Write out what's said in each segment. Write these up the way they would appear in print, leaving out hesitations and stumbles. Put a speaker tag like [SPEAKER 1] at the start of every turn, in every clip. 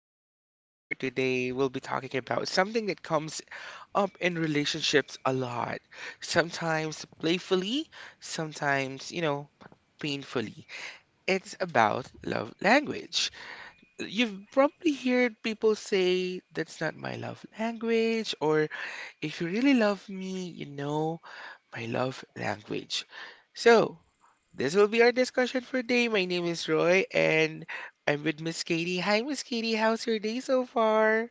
[SPEAKER 1] for our topic for today, we'll be talking about something that comes up in relationships a lot. Sometimes playfully, sometimes, painfully. It's about love language. You've probably heard people say that's not my love language, or if you really love me, you know my love language. So, this will be our discussion for today. My name is Roy and I'm with Miss Katie. Hi, Miss Katie. How's your day so far?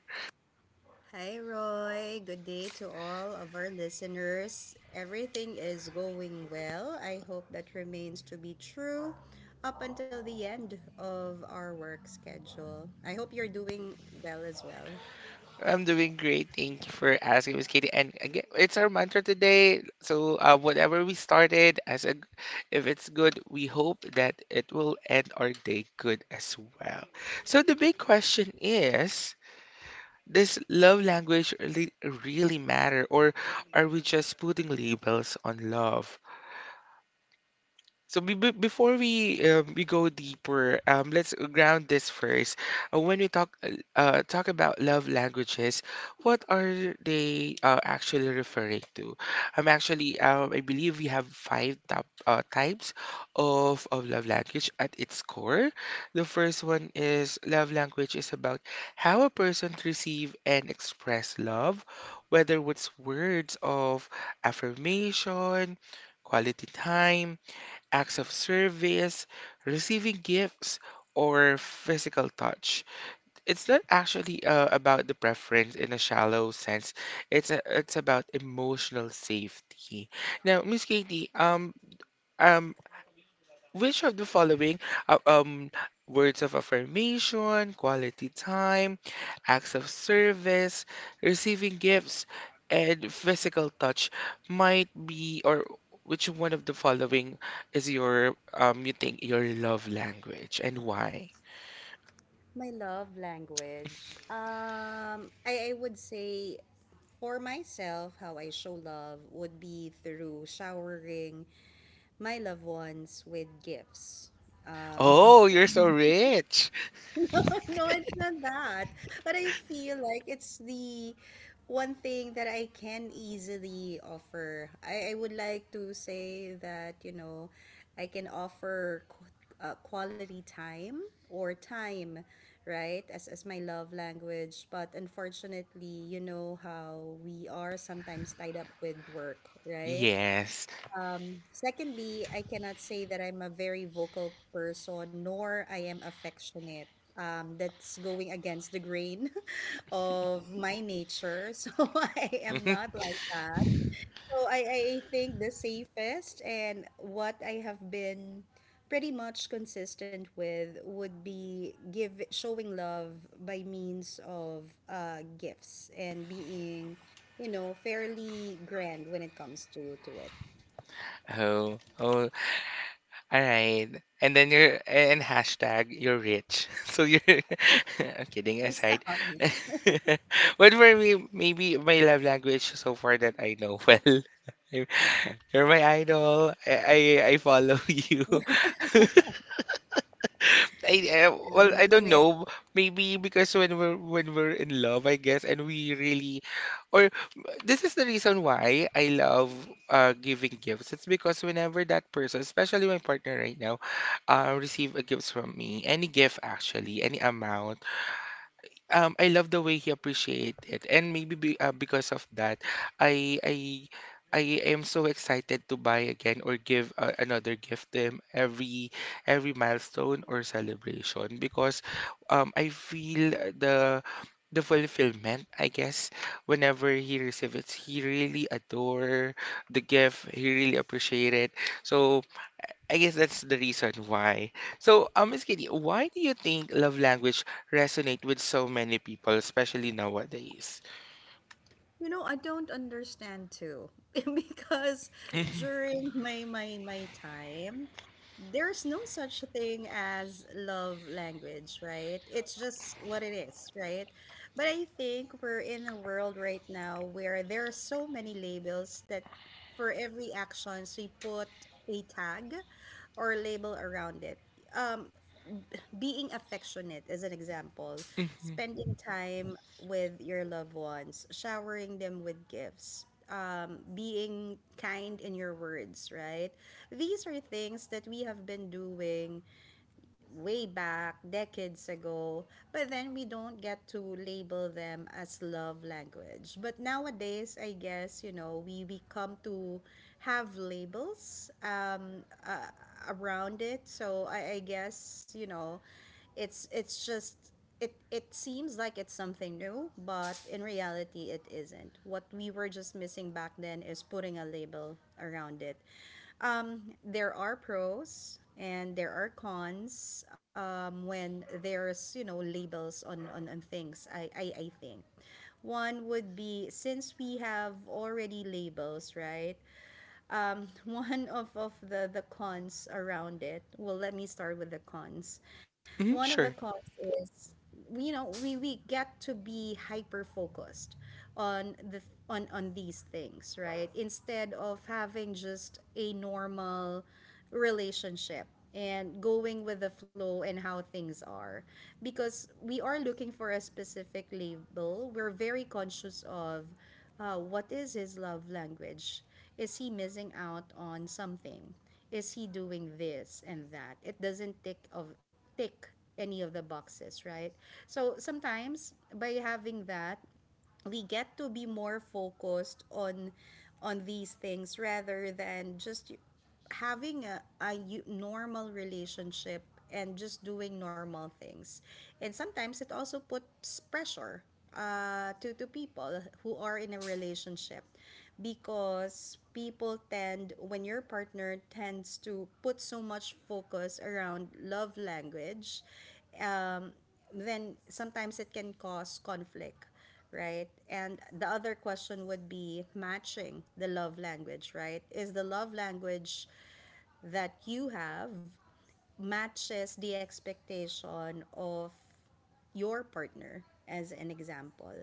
[SPEAKER 2] Hi, Roy. Good day to all of our listeners. Everything is going well. I hope that remains to be true up until the end of our work schedule. I hope you're doing well as well.
[SPEAKER 1] I'm doing great. Thank you for asking, Miss Katie. And again, it's our mantra today. So, whatever we started, if it's good, we hope that it will end our day good as well. So, the big question is, does love language really, really matter, or are we just putting labels on love? So before we go deeper, let's ground this first. When we talk about love languages, what are they actually referring to? Actually, I believe we have five top types of love language at its core. The first one is love language is about how a person receive and express love, whether it's words of affirmation, quality time, acts of service, receiving gifts, or physical touch. It's not actually about the preference in a shallow sense. It's about emotional safety. Now, Miss Katie, um, which of the following uh, um words of affirmation, quality time, acts of service, receiving gifts, and physical touch might be, or which one of the following is your, you think, your love language, and why?
[SPEAKER 2] My love language. I would say for myself, how I show love would be through showering my loved ones with gifts. Um,
[SPEAKER 1] Oh, you're so rich.
[SPEAKER 2] No, it's not that. But I feel like it's the one thing that I can easily offer. I would like to say that, you know, I can offer quality time or time, right, as my love language. But unfortunately, you know how we are sometimes tied up with work, right?
[SPEAKER 1] Yes.
[SPEAKER 2] Secondly, I cannot say that I'm a very vocal person, nor I am affectionate. That's going against the grain of my nature. So I am not like that. So I think the safest and what I have been pretty much consistent with would be give showing love by means of gifts and being, you know, fairly grand when it comes to it.
[SPEAKER 1] Oh, oh. All right. And then you're, and hashtag you're rich. So you're, I'm kidding
[SPEAKER 2] Stop
[SPEAKER 1] aside.
[SPEAKER 2] it.
[SPEAKER 1] But for me, maybe my love language so far that I know well. You're my idol. I follow you. I
[SPEAKER 2] I
[SPEAKER 1] Well, I
[SPEAKER 2] knew
[SPEAKER 1] don't
[SPEAKER 2] it.
[SPEAKER 1] know. Maybe because when we're in love, I guess, and or this is the reason why I love giving gifts. It's because whenever that person, especially my partner right now, receive a gift from me, any gift actually, any amount, I love the way he appreciate it, and maybe, because of that, I I I am so excited to buy again or give another gift to him every milestone or celebration because I feel the fulfillment, I guess, whenever he receives it. He really adore the gift. He really appreciate it. So I guess that's the reason why. So, Miss Kitty, why do you think love language resonate with so many people, especially nowadays?
[SPEAKER 2] You know, I don't understand too because
[SPEAKER 1] Hmm.
[SPEAKER 2] during my time, there's no such thing as love language, right? It's just what it is, right? But I think we're in a world right now where there are so many labels that for every action, so you put a tag or label around it. Um, being affectionate is an example.
[SPEAKER 1] Hmm.
[SPEAKER 2] Spending time with your loved ones, showering them with gifts, being kind in your words, right? These are things that we have been doing way back decades ago, but then we don't get to label them as love language. But nowadays, I guess, you know, we come to have labels around it. So I guess, you know, it's it's just it seems like it's something new, but in reality it isn't. What we were just missing back then is putting a label around it. There are pros and there are cons when there's you know labels on things. I think one would be since we have already labels, right? One of the cons around it. Well, let me start with the cons. One
[SPEAKER 1] Hmm.
[SPEAKER 2] of the
[SPEAKER 1] Sure.
[SPEAKER 2] cons is, you know, we get to be hyper focused on on these things, right? Instead of having just a normal relationship and going with the flow and how things are because we are looking for a specific label, we're very conscious of what is his love language, is he missing out on something? Is he doing this and that? It doesn't tick any of the boxes, right? So sometimes by having that, we get to be more focused on these things rather than just having a normal relationship and just doing normal things, and sometimes it also puts pressure to people who are in a relationship because people tend when your partner tends to put so much focus around love language, um, then sometimes it can cause conflict, right? And the other question would be matching the love language, right? Is the love language that you have matches the expectation of your partner as an example.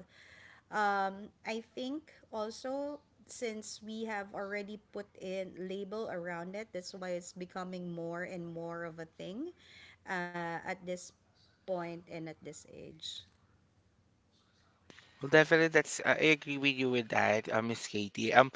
[SPEAKER 2] I think also, since we have already put in label around it, that's why it's becoming more and more of a thing at this point and at this age.
[SPEAKER 1] Well, definitely, that's I agree with you with that, Miss Katie.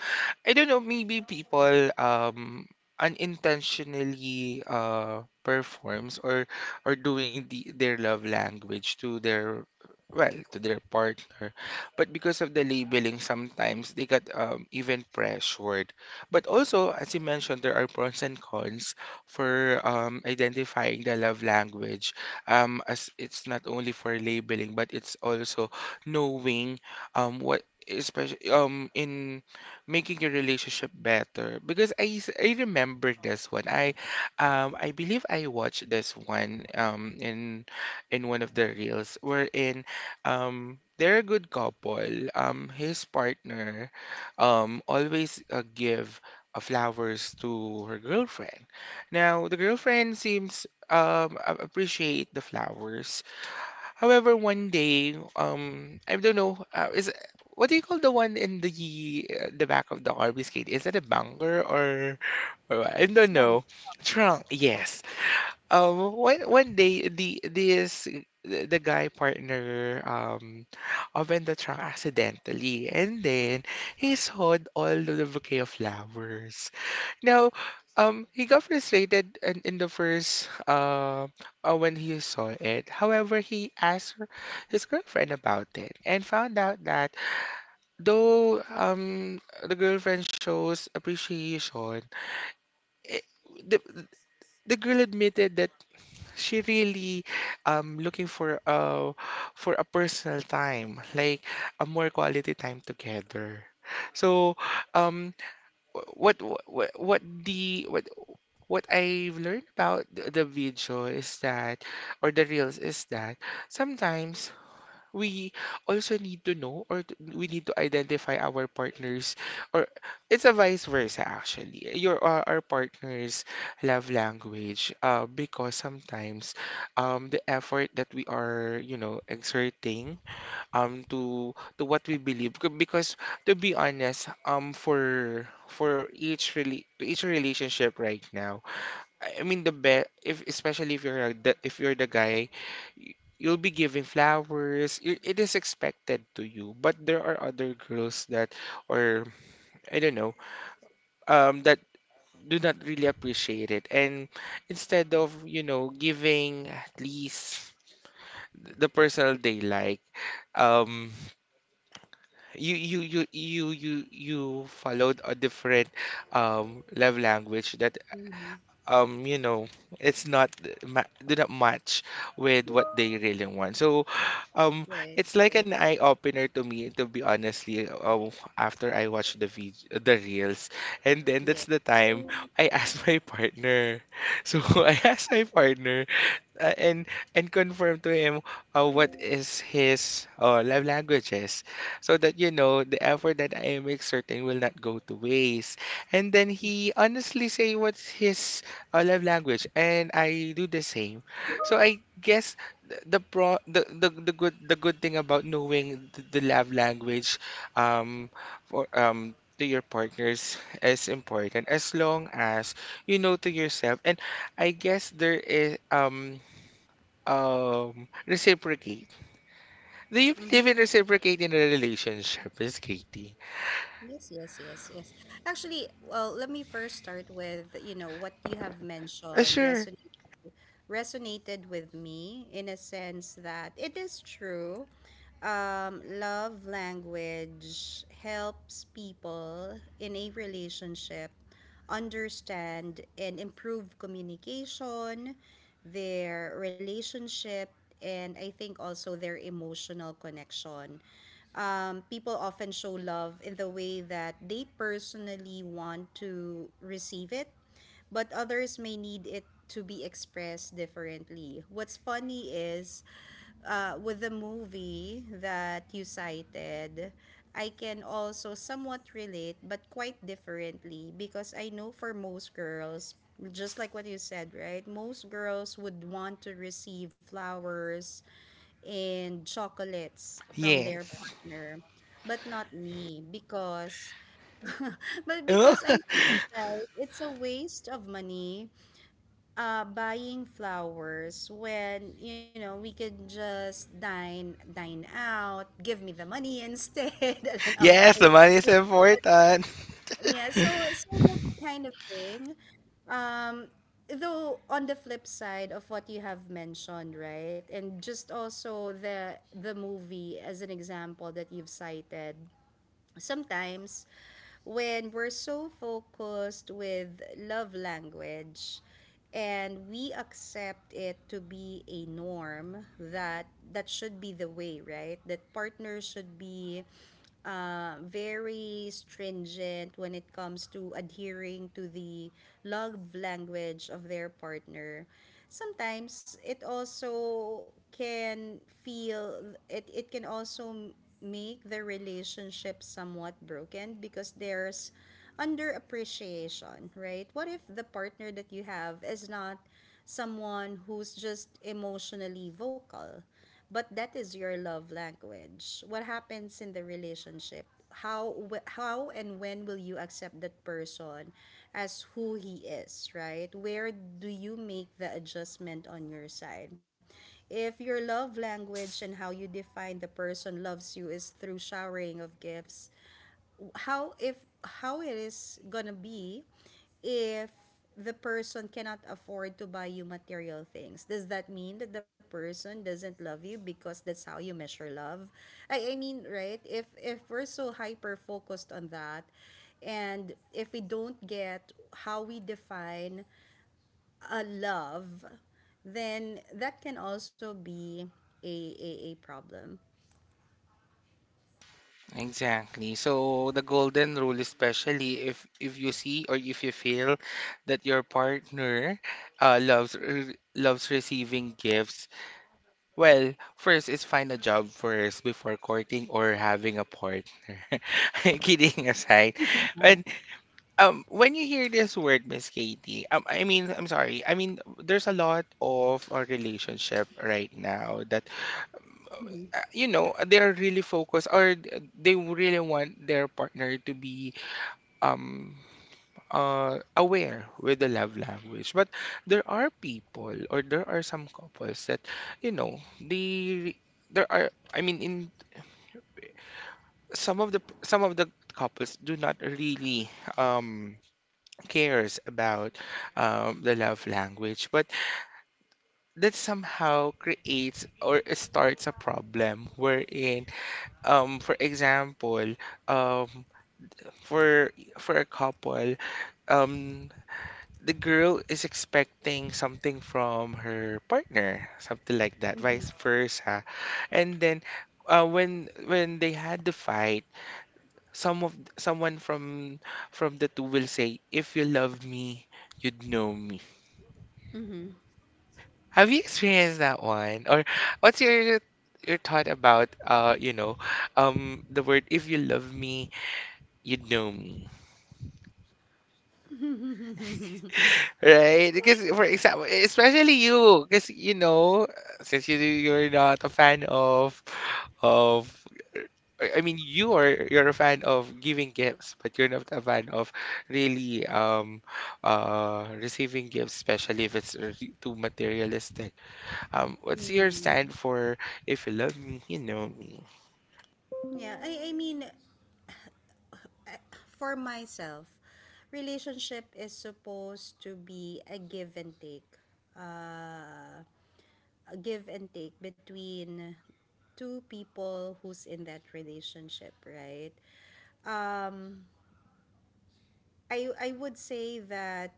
[SPEAKER 1] I don't know, maybe people unintentionally performs or doing their love language to their, to their partner, but because of the labeling, sometimes they got even pressured. But also, as you mentioned, there are pros and cons for identifying the love language. As it's not only for labeling, but it's also knowing, what, especially, in making your relationship better, because I remember this one. I believe I watched this one in one of the reels, wherein, they're a good couple. His partner, always give flowers to her girlfriend. Now the girlfriend seems, appreciate the flowers. However, one day, I don't know, is what do you call the one in the back of the RV skate? Is that a bunker, or I don't know. Trunk, yes. One day, the guy partner, opened the trunk accidentally, and then he saw all the bouquet of flowers. Now, he got frustrated in the first when he saw it. However, he asked her, his girlfriend, about it and found out that, though, the girlfriend shows appreciation, it, the the girl admitted that she really, looking for, for a personal time, like a more quality time together. So, um, what what what the what what I've learned about the video, is that or the reels, is that sometimes we also need to know, we need to identify our partners, or it's a vice versa, actually, your, our partners' love language, because sometimes, the effort that we are, exerting, um to to what we believe, because, to be honest, for each, really to each relationship right now, I mean the best, if, especially if you're, the guy, you'll be giving flowers. It is expected to you, but there are other girls that, or I don't know, that do not really appreciate it, and instead of, giving, at least, the personal they like, um you followed a different, love language that, you know, it's not, do not match with what they really want. So, um
[SPEAKER 2] Right,
[SPEAKER 1] it's like
[SPEAKER 2] right.
[SPEAKER 1] an eye opener to me, to be honestly, after I watched the reels, and then
[SPEAKER 2] Yeah.
[SPEAKER 1] that's the time I asked my partner. So I asked my partner, and confirm to him, what is his, love languages, so that, you know, the effort that I am exerting will not go to waste. And then he honestly say what's his, love language, and I do the same. So I guess, the, pro the good thing about knowing the love language, um for, to your partners, is important, as long as you know to yourself. And I guess there is, reciprocate. Do you
[SPEAKER 2] Mm-hmm.
[SPEAKER 1] believe in reciprocate in a relationship, Miss Katie?
[SPEAKER 2] Yes, yes, yes, yes. Actually, well, let me first start with, you know, what you have mentioned
[SPEAKER 1] Sure.
[SPEAKER 2] resonated, resonated with me in a sense that it is true. Love language helps people in a relationship understand and improve communication, their relationship, and I think also their emotional connection. People often show love in the way that they personally want to receive it, but others may need it to be expressed differently. What's funny is, with the movie that you cited, I can also somewhat relate, but quite differently, because I know for most girls, just like what you said, right? Most girls would want to receive flowers and chocolates from their
[SPEAKER 1] Yes.
[SPEAKER 2] partner, but not me, because but
[SPEAKER 1] Oh,
[SPEAKER 2] because I feel like it's a waste of money buying flowers when you know we could just dine out, give me the money instead, and then I'll
[SPEAKER 1] yes,
[SPEAKER 2] buy
[SPEAKER 1] the money is
[SPEAKER 2] it.
[SPEAKER 1] important.
[SPEAKER 2] Yeah, so so that kind of thing, um though on the flip side of what you have mentioned, right, and just also the movie as an example that you've cited, sometimes when we're so focused with love language and we accept it to be a norm that that should be the way, right, that partners should be very stringent when it comes to adhering to the love language of their partner, sometimes it also can feel, it can also make the relationship somewhat broken because there's underappreciation, right? What if the partner that you have is not someone who's just emotionally vocal, but that is your love language? What happens in the relationship? How and when will you accept that person as who he is, right? Where do you make the adjustment on your side if your love language and how you define the person loves you is through showering of gifts? How if How it is gonna be if the person cannot afford to buy you material things? Does that mean that the person doesn't love you because that's how you measure love? I mean, right, if we're so hyper focused on that, and if we don't get how we define a love, then that can also be a problem.
[SPEAKER 1] Exactly. So the golden rule, especially if you see, or if you feel that your partner, loves receiving gifts, well, first is find a job first before courting or having a partner. Kidding aside, and, when you hear this word, Miss Katie, I mean, I'm sorry. I mean, there's a lot of a relationship right now that, they're really focused, or, they really want their partner to be, um aware with the love language. But there are people, or there are some couples that, they there are. I mean, in some of the couples do not really, um. cares about, the love language, but that somehow creates or starts a problem, wherein, for example, um, for a couple, um, the girl is expecting something from her partner, something like that, vice versa, and then. When they had the fight, someone from the two will say, "If you love me, you'd know me." Have you experienced that one? Or what's your thought about, the word, "if you love me, you know me." Right? Because, for example, especially you, because, since you're not a fan of I mean, you're a fan of giving gifts, but you're not a fan of really, receiving gifts, especially if it's, too materialistic. What's your
[SPEAKER 2] Mm.
[SPEAKER 1] stand for, "if you love me, you know me"?
[SPEAKER 2] Yeah, I mean, for myself, relationship is supposed to be a give and take. Uh, a give and take between two people who's in that relationship, right? Um, I would say that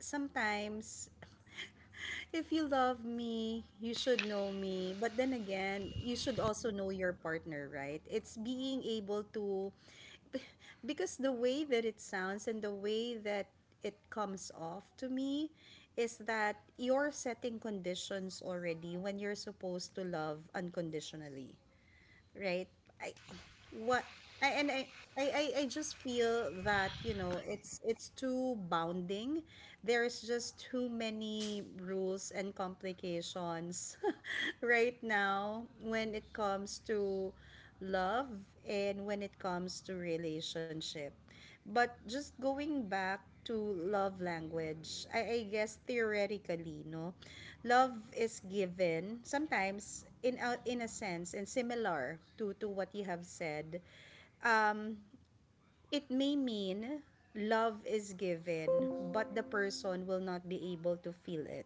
[SPEAKER 2] sometimes if you love me, you should know me. But then again, you should also know your partner, right? It's being able to because the way that it sounds and the way that it comes off to me is that you're setting conditions already when you're supposed to love unconditionally, right? I what I and I, I just feel that you know it's too bounding. There's just too many rules and complications right now when it comes to love and when it comes to relationship. But just going back to love language, I guess theoretically, no, love is given sometimes in in a sense and similar to what you have said. Um, it may mean love is given, but the person will not be able to feel it.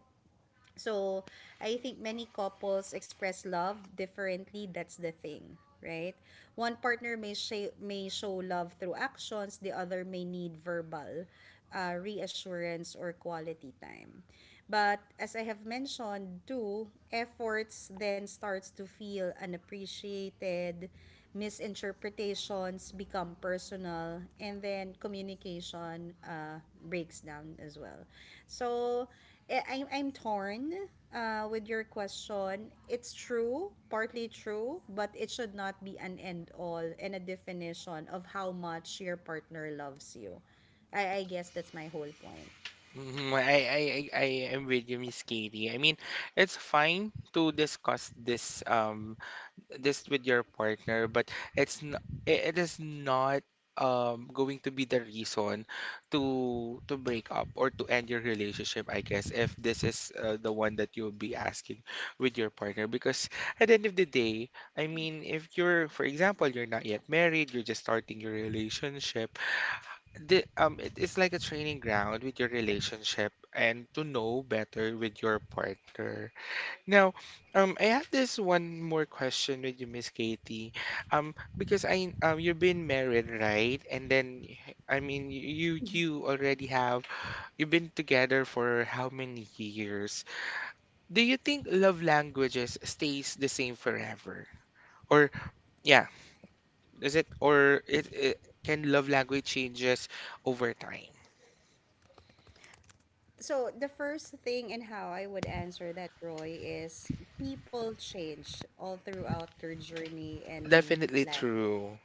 [SPEAKER 2] So, I think many couples express love differently. That's the thing, right? One partner may show love through actions, the other may need verbal reassurance or quality time. But as I have mentioned too, efforts then starts to feel unappreciated, misinterpretations become personal, and then communication breaks down as well. So I'm torn with your question. It's true, partly true, but it should not be an end all and a definition of how much your partner loves you. I guess that's my whole point.
[SPEAKER 1] Mhm. I am with you, Miss Katie. I mean, it's fine to discuss this with your partner, but it's n it it is not, going to be the reason to break up, or to end your relationship, I guess, if this is, the one that you'll be asking with your partner. Because, at the end of the day, I mean, if you're, for example, you're not yet married, you're just starting your relationship, it is like a training ground with your relationship, and to know better with your partner. Now, I have this one more question with you, Miss Katie. Because I you've been married, right? And then, I mean, you already have you've been together for how many years? Do you think love languages stays the same forever? Or, yeah, is it or it, it can love language changes over time?
[SPEAKER 2] So the first thing and how I would answer that, Roy, is people change all throughout their journey and
[SPEAKER 1] Definitely
[SPEAKER 2] life.
[SPEAKER 1] true.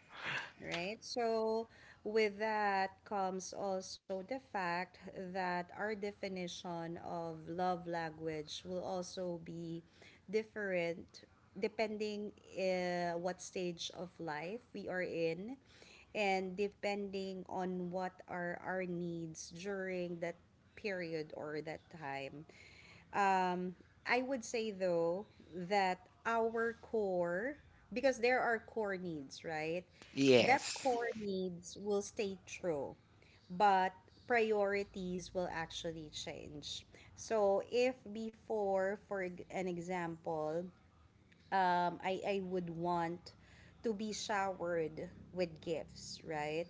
[SPEAKER 2] Right? So, with that comes also the fact that our definition of love language will also be different depending what stage of life we are in and depending on what are our needs during that period or that time. Um, I would say though that our core, because there are core needs, right? That
[SPEAKER 1] Yes.
[SPEAKER 2] core needs will stay true, but priorities will actually change. So if before, for an example, I would want to be showered with gifts, right?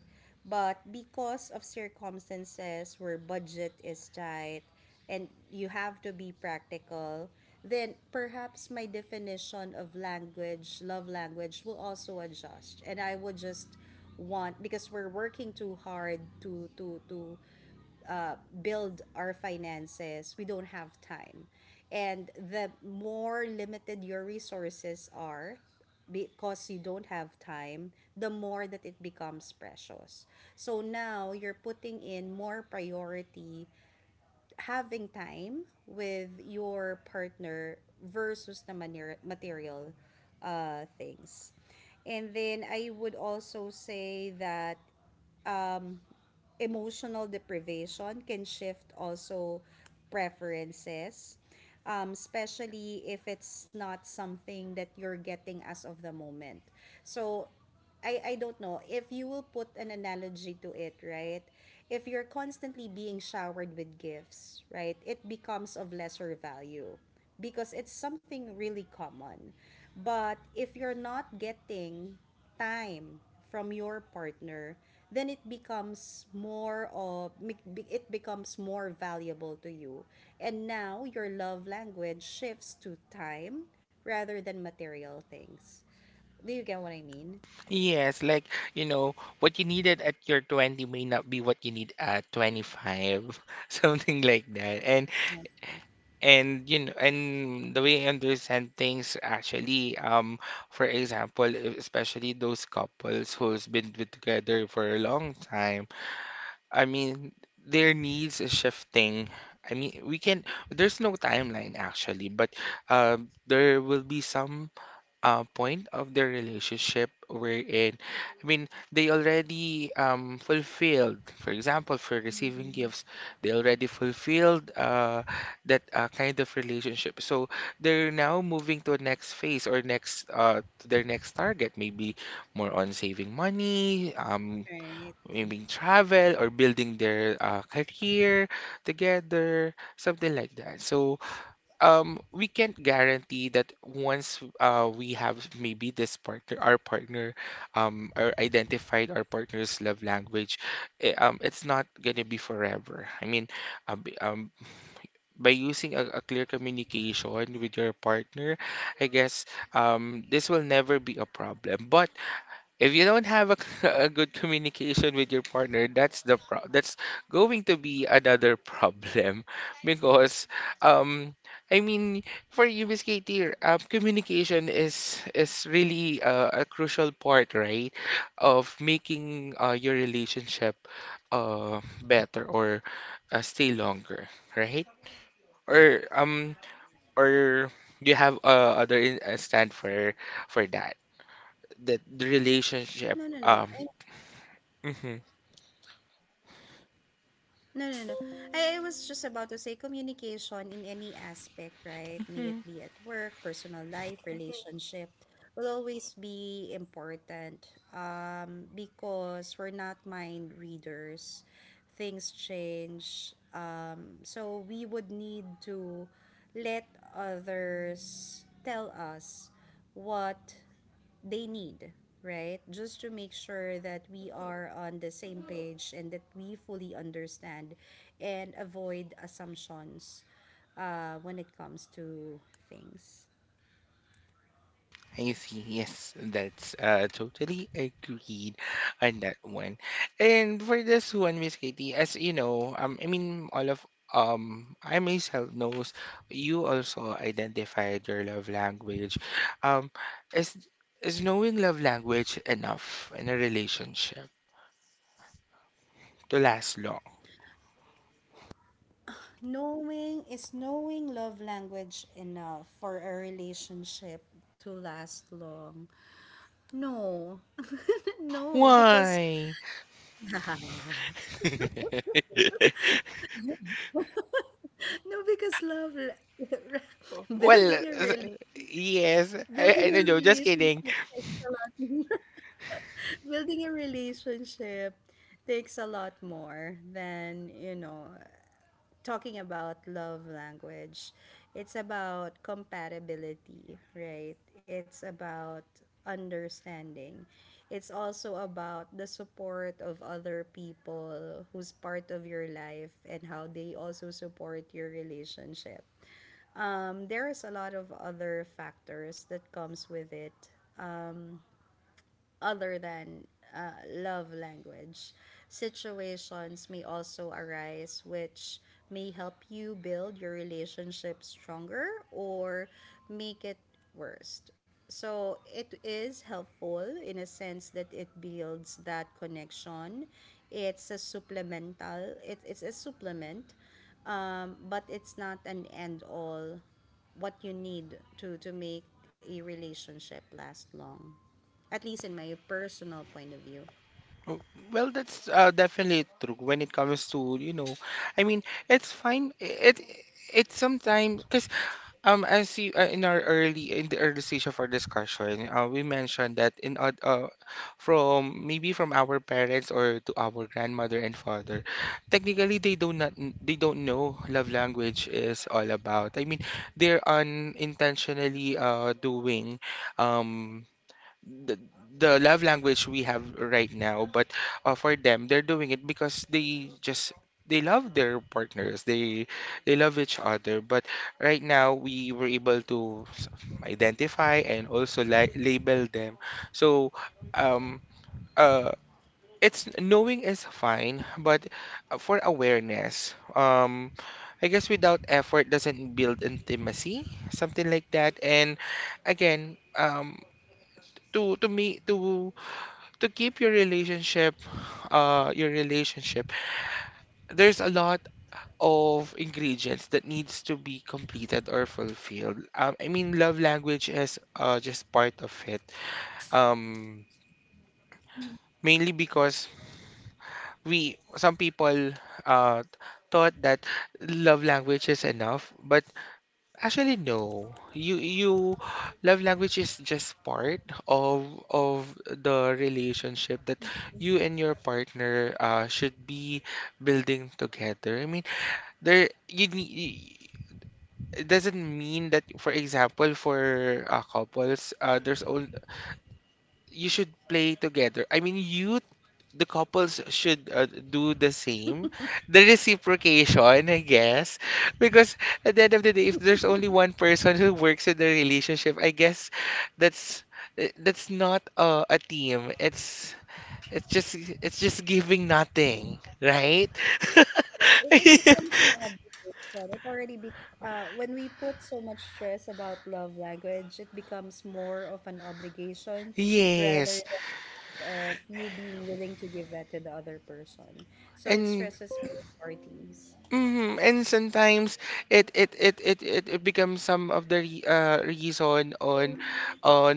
[SPEAKER 2] But because of circumstances where budget is tight and you have to be practical, then perhaps my definition of language, love language, will also adjust. And I would just want because we're working too hard to uh, build our finances, we don't have time. And the more limited your resources are, because you don't have time, the more that it becomes precious. So now you're putting in more priority having time with your partner versus the material things. And then I would also say that emotional deprivation can shift also preferences, especially if it's not something that you're getting as of the moment. So, I don't know if you will put an analogy to it, right? If you're constantly being showered with gifts, right, it becomes of lesser value because it's something really common. But if you're not getting time from your partner, then it becomes more of, it becomes more valuable to you. And now your love language shifts to time rather than material things. Do you get what I mean?
[SPEAKER 1] Yes, like, what you needed at your 20 may not be what you need at 25, something like that. And
[SPEAKER 2] Yes,
[SPEAKER 1] and and the way I understand things, actually, for example, especially those couples who's been with together for a long time, I mean, their needs is shifting. I mean, we can, there's no timeline actually, but there will be some point of their relationship wherein, I mean, they already fulfilled, for example, for receiving gifts, they already fulfilled that kind of relationship. So they're now moving to a next phase or next to their next target, maybe more on saving money, maybe
[SPEAKER 2] right.
[SPEAKER 1] travel or building their career together, something like that. So we can't guarantee that once we have maybe this partner our partner or identified our partner's love language it's not gonna be forever. I mean, um, b- um by using a clear communication with your partner, I guess this will never be a problem. But if you don't have a a good communication with your partner, that's the pro that's going to be another problem because um I mean, for you, Miss Katie, communication is really a crucial part, right, of making your relationship better or stay longer, right? Or um or do you have other stand for for that that the relationship um
[SPEAKER 2] No, no, no. I
[SPEAKER 1] hmm
[SPEAKER 2] no, no, no. I was just about to say communication in any aspect, right?
[SPEAKER 1] hmm
[SPEAKER 2] May it be at work, personal life, relationship, will always be important, because we're not mind readers. Things change. So we would need to let others tell us what they need, right? Just to make sure that we are on the same page and that we fully understand and avoid assumptions when it comes to things.
[SPEAKER 1] I see. Yes, that's totally agreed on that one. And for this one, Miss Katie, as you know, I mean, all of I myself knows you also identified your love language. Um, is is knowing love language enough in a relationship to last long?
[SPEAKER 2] Knowing is knowing love language enough for a relationship to last long. No, no, because
[SPEAKER 1] Why?
[SPEAKER 2] no, because love,
[SPEAKER 1] Well,
[SPEAKER 2] building a rel
[SPEAKER 1] yes. I,
[SPEAKER 2] building a
[SPEAKER 1] I don't know. Just kidding.
[SPEAKER 2] relationship takes a lot, building a relationship takes a lot more than you know talking about love language. It's about compatibility, right? It's about understanding. It's also about the support of other people who's part of your life and how they also support your relationship. There is a lot of other factors that comes with it other than love language. Situations may also arise which may help you build your relationship stronger or make it worse. So it is helpful in a sense that it builds that connection. It's a supplemental. It's a supplement, but it's not an end all. What you need to make a relationship last long, at least in my personal point of view.
[SPEAKER 1] Oh, well, that's definitely true when it comes to, you know, I mean, it's fine. It's sometimes because as you in the early stage of our discussion, we mentioned that from maybe from our parents or to our grandmother and father, technically they do not n- they don't know love language is all about. I mean, they're unintentionally doing um the, the love language we have right now. But for them, they're doing it because they love their partners, they love each other. But right now we were able to identify and also label them. So um uh it's knowing is fine, but for awareness I guess without effort doesn't build intimacy, something like that. And again, to me to keep your relationship uh your relationship there's a lot of ingredients that needs to be completed or fulfilled. I mean, love language is just part of it. um Mainly because we some people uh thought that love language is enough. But actually, no. You love language is just part of the relationship that you and your partner should be building together. I mean, there you need. It doesn't mean that, for example, for couples, there's all you should play together. I mean, you the couples should do the same. The reciprocation, I guess. Because at the end of the day, if there's only one person who works in the relationship, I guess that's that's not a team. It's just giving nothing, right?
[SPEAKER 2] It becomes an obligation. It already be when we put so much stress about love language, it becomes more of an obligation rather
[SPEAKER 1] Yes.
[SPEAKER 2] than of you being willing to give that to the other person. So it
[SPEAKER 1] And
[SPEAKER 2] stresses both parties.
[SPEAKER 1] And sometimes it becomes some of the re reason on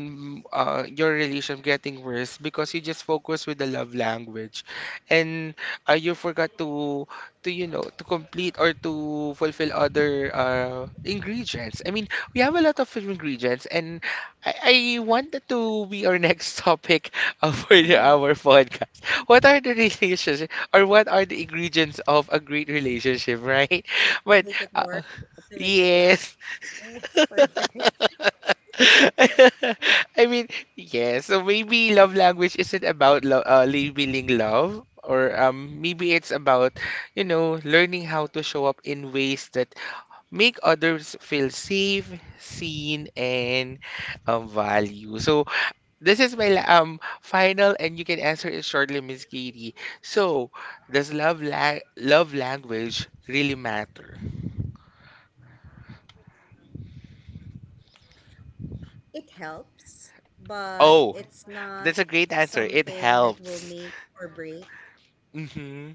[SPEAKER 1] your relation getting worse because you just focus with the love language, and you forgot to you know to complete or to fulfill other ingredients. I mean, we have a lot of ingredients, and I want that to be our next topic for our
[SPEAKER 2] To
[SPEAKER 1] podcast. What are the relationship? Or what are the ingredients of a great relationship, right? But uh,
[SPEAKER 2] make it work, to
[SPEAKER 1] yes.
[SPEAKER 2] make it last. It's perfect.
[SPEAKER 1] I mean, yeah, so maybe love language isn't about lo labeling love, or maybe it's about, you know, learning how to show up in ways that make others feel safe, seen, and valued. So this is my final, and you can answer it shortly, Miss Katie. So does love language really matter?
[SPEAKER 2] It helps, but
[SPEAKER 1] Oh,
[SPEAKER 2] it's not
[SPEAKER 1] that's a great answer. It
[SPEAKER 2] something that will
[SPEAKER 1] helps.
[SPEAKER 2] make or break.
[SPEAKER 1] Mm-hmm.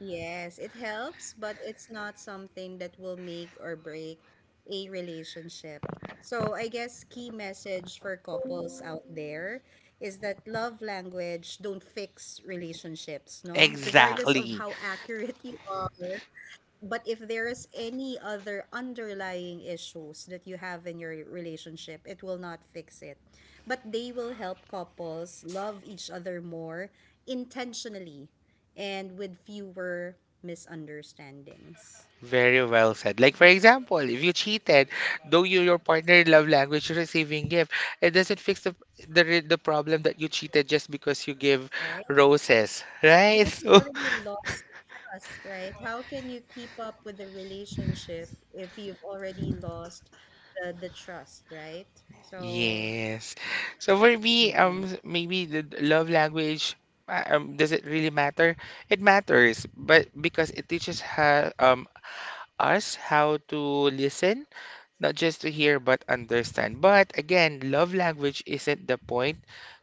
[SPEAKER 2] Yes, it helps, but it's not something that will make or break a relationship. So, I guess key message for couples out there is that love language don't fix relationships, no? Regardless of
[SPEAKER 1] Exactly.
[SPEAKER 2] how accurate you are, but if there is any other underlying issues that you have in your relationship, it will not fix it. But they will help couples love each other more intentionally and with fewer misunderstandings,
[SPEAKER 1] Very well said. Like, for example, if you cheated, though you your partner love language you receiving gift, it doesn't fix the the problem that you cheated just because you give
[SPEAKER 2] right?
[SPEAKER 1] roses, right?
[SPEAKER 2] Because you
[SPEAKER 1] So.
[SPEAKER 2] already lost the trust, right? How can you keep up with the relationship if you've already lost the trust, right? So,
[SPEAKER 1] Yes. So for me,
[SPEAKER 2] mm,
[SPEAKER 1] maybe the love language, does it really matter? It matters, but because it teaches ha us how to listen, not just to hear, but understand. But again, love language isn't the point,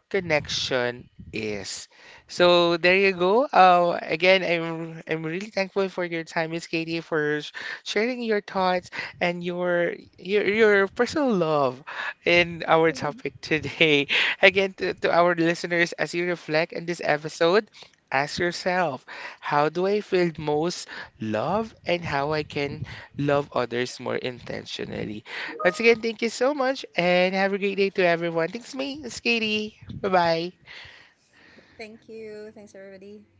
[SPEAKER 1] connection is. So there you go. Again, I'm really thankful for your time, Miss Katie, for sharing your thoughts and your your personal love in our topic today. Again, to our listeners, as you reflect on this episode, ask yourself, how do I feel most love and how I can love others more intentionally? Once again, thank you so much and have a great day to everyone. Thanks, me, Miss Katie. Bye bye.
[SPEAKER 2] thank you. Thanks, everybody.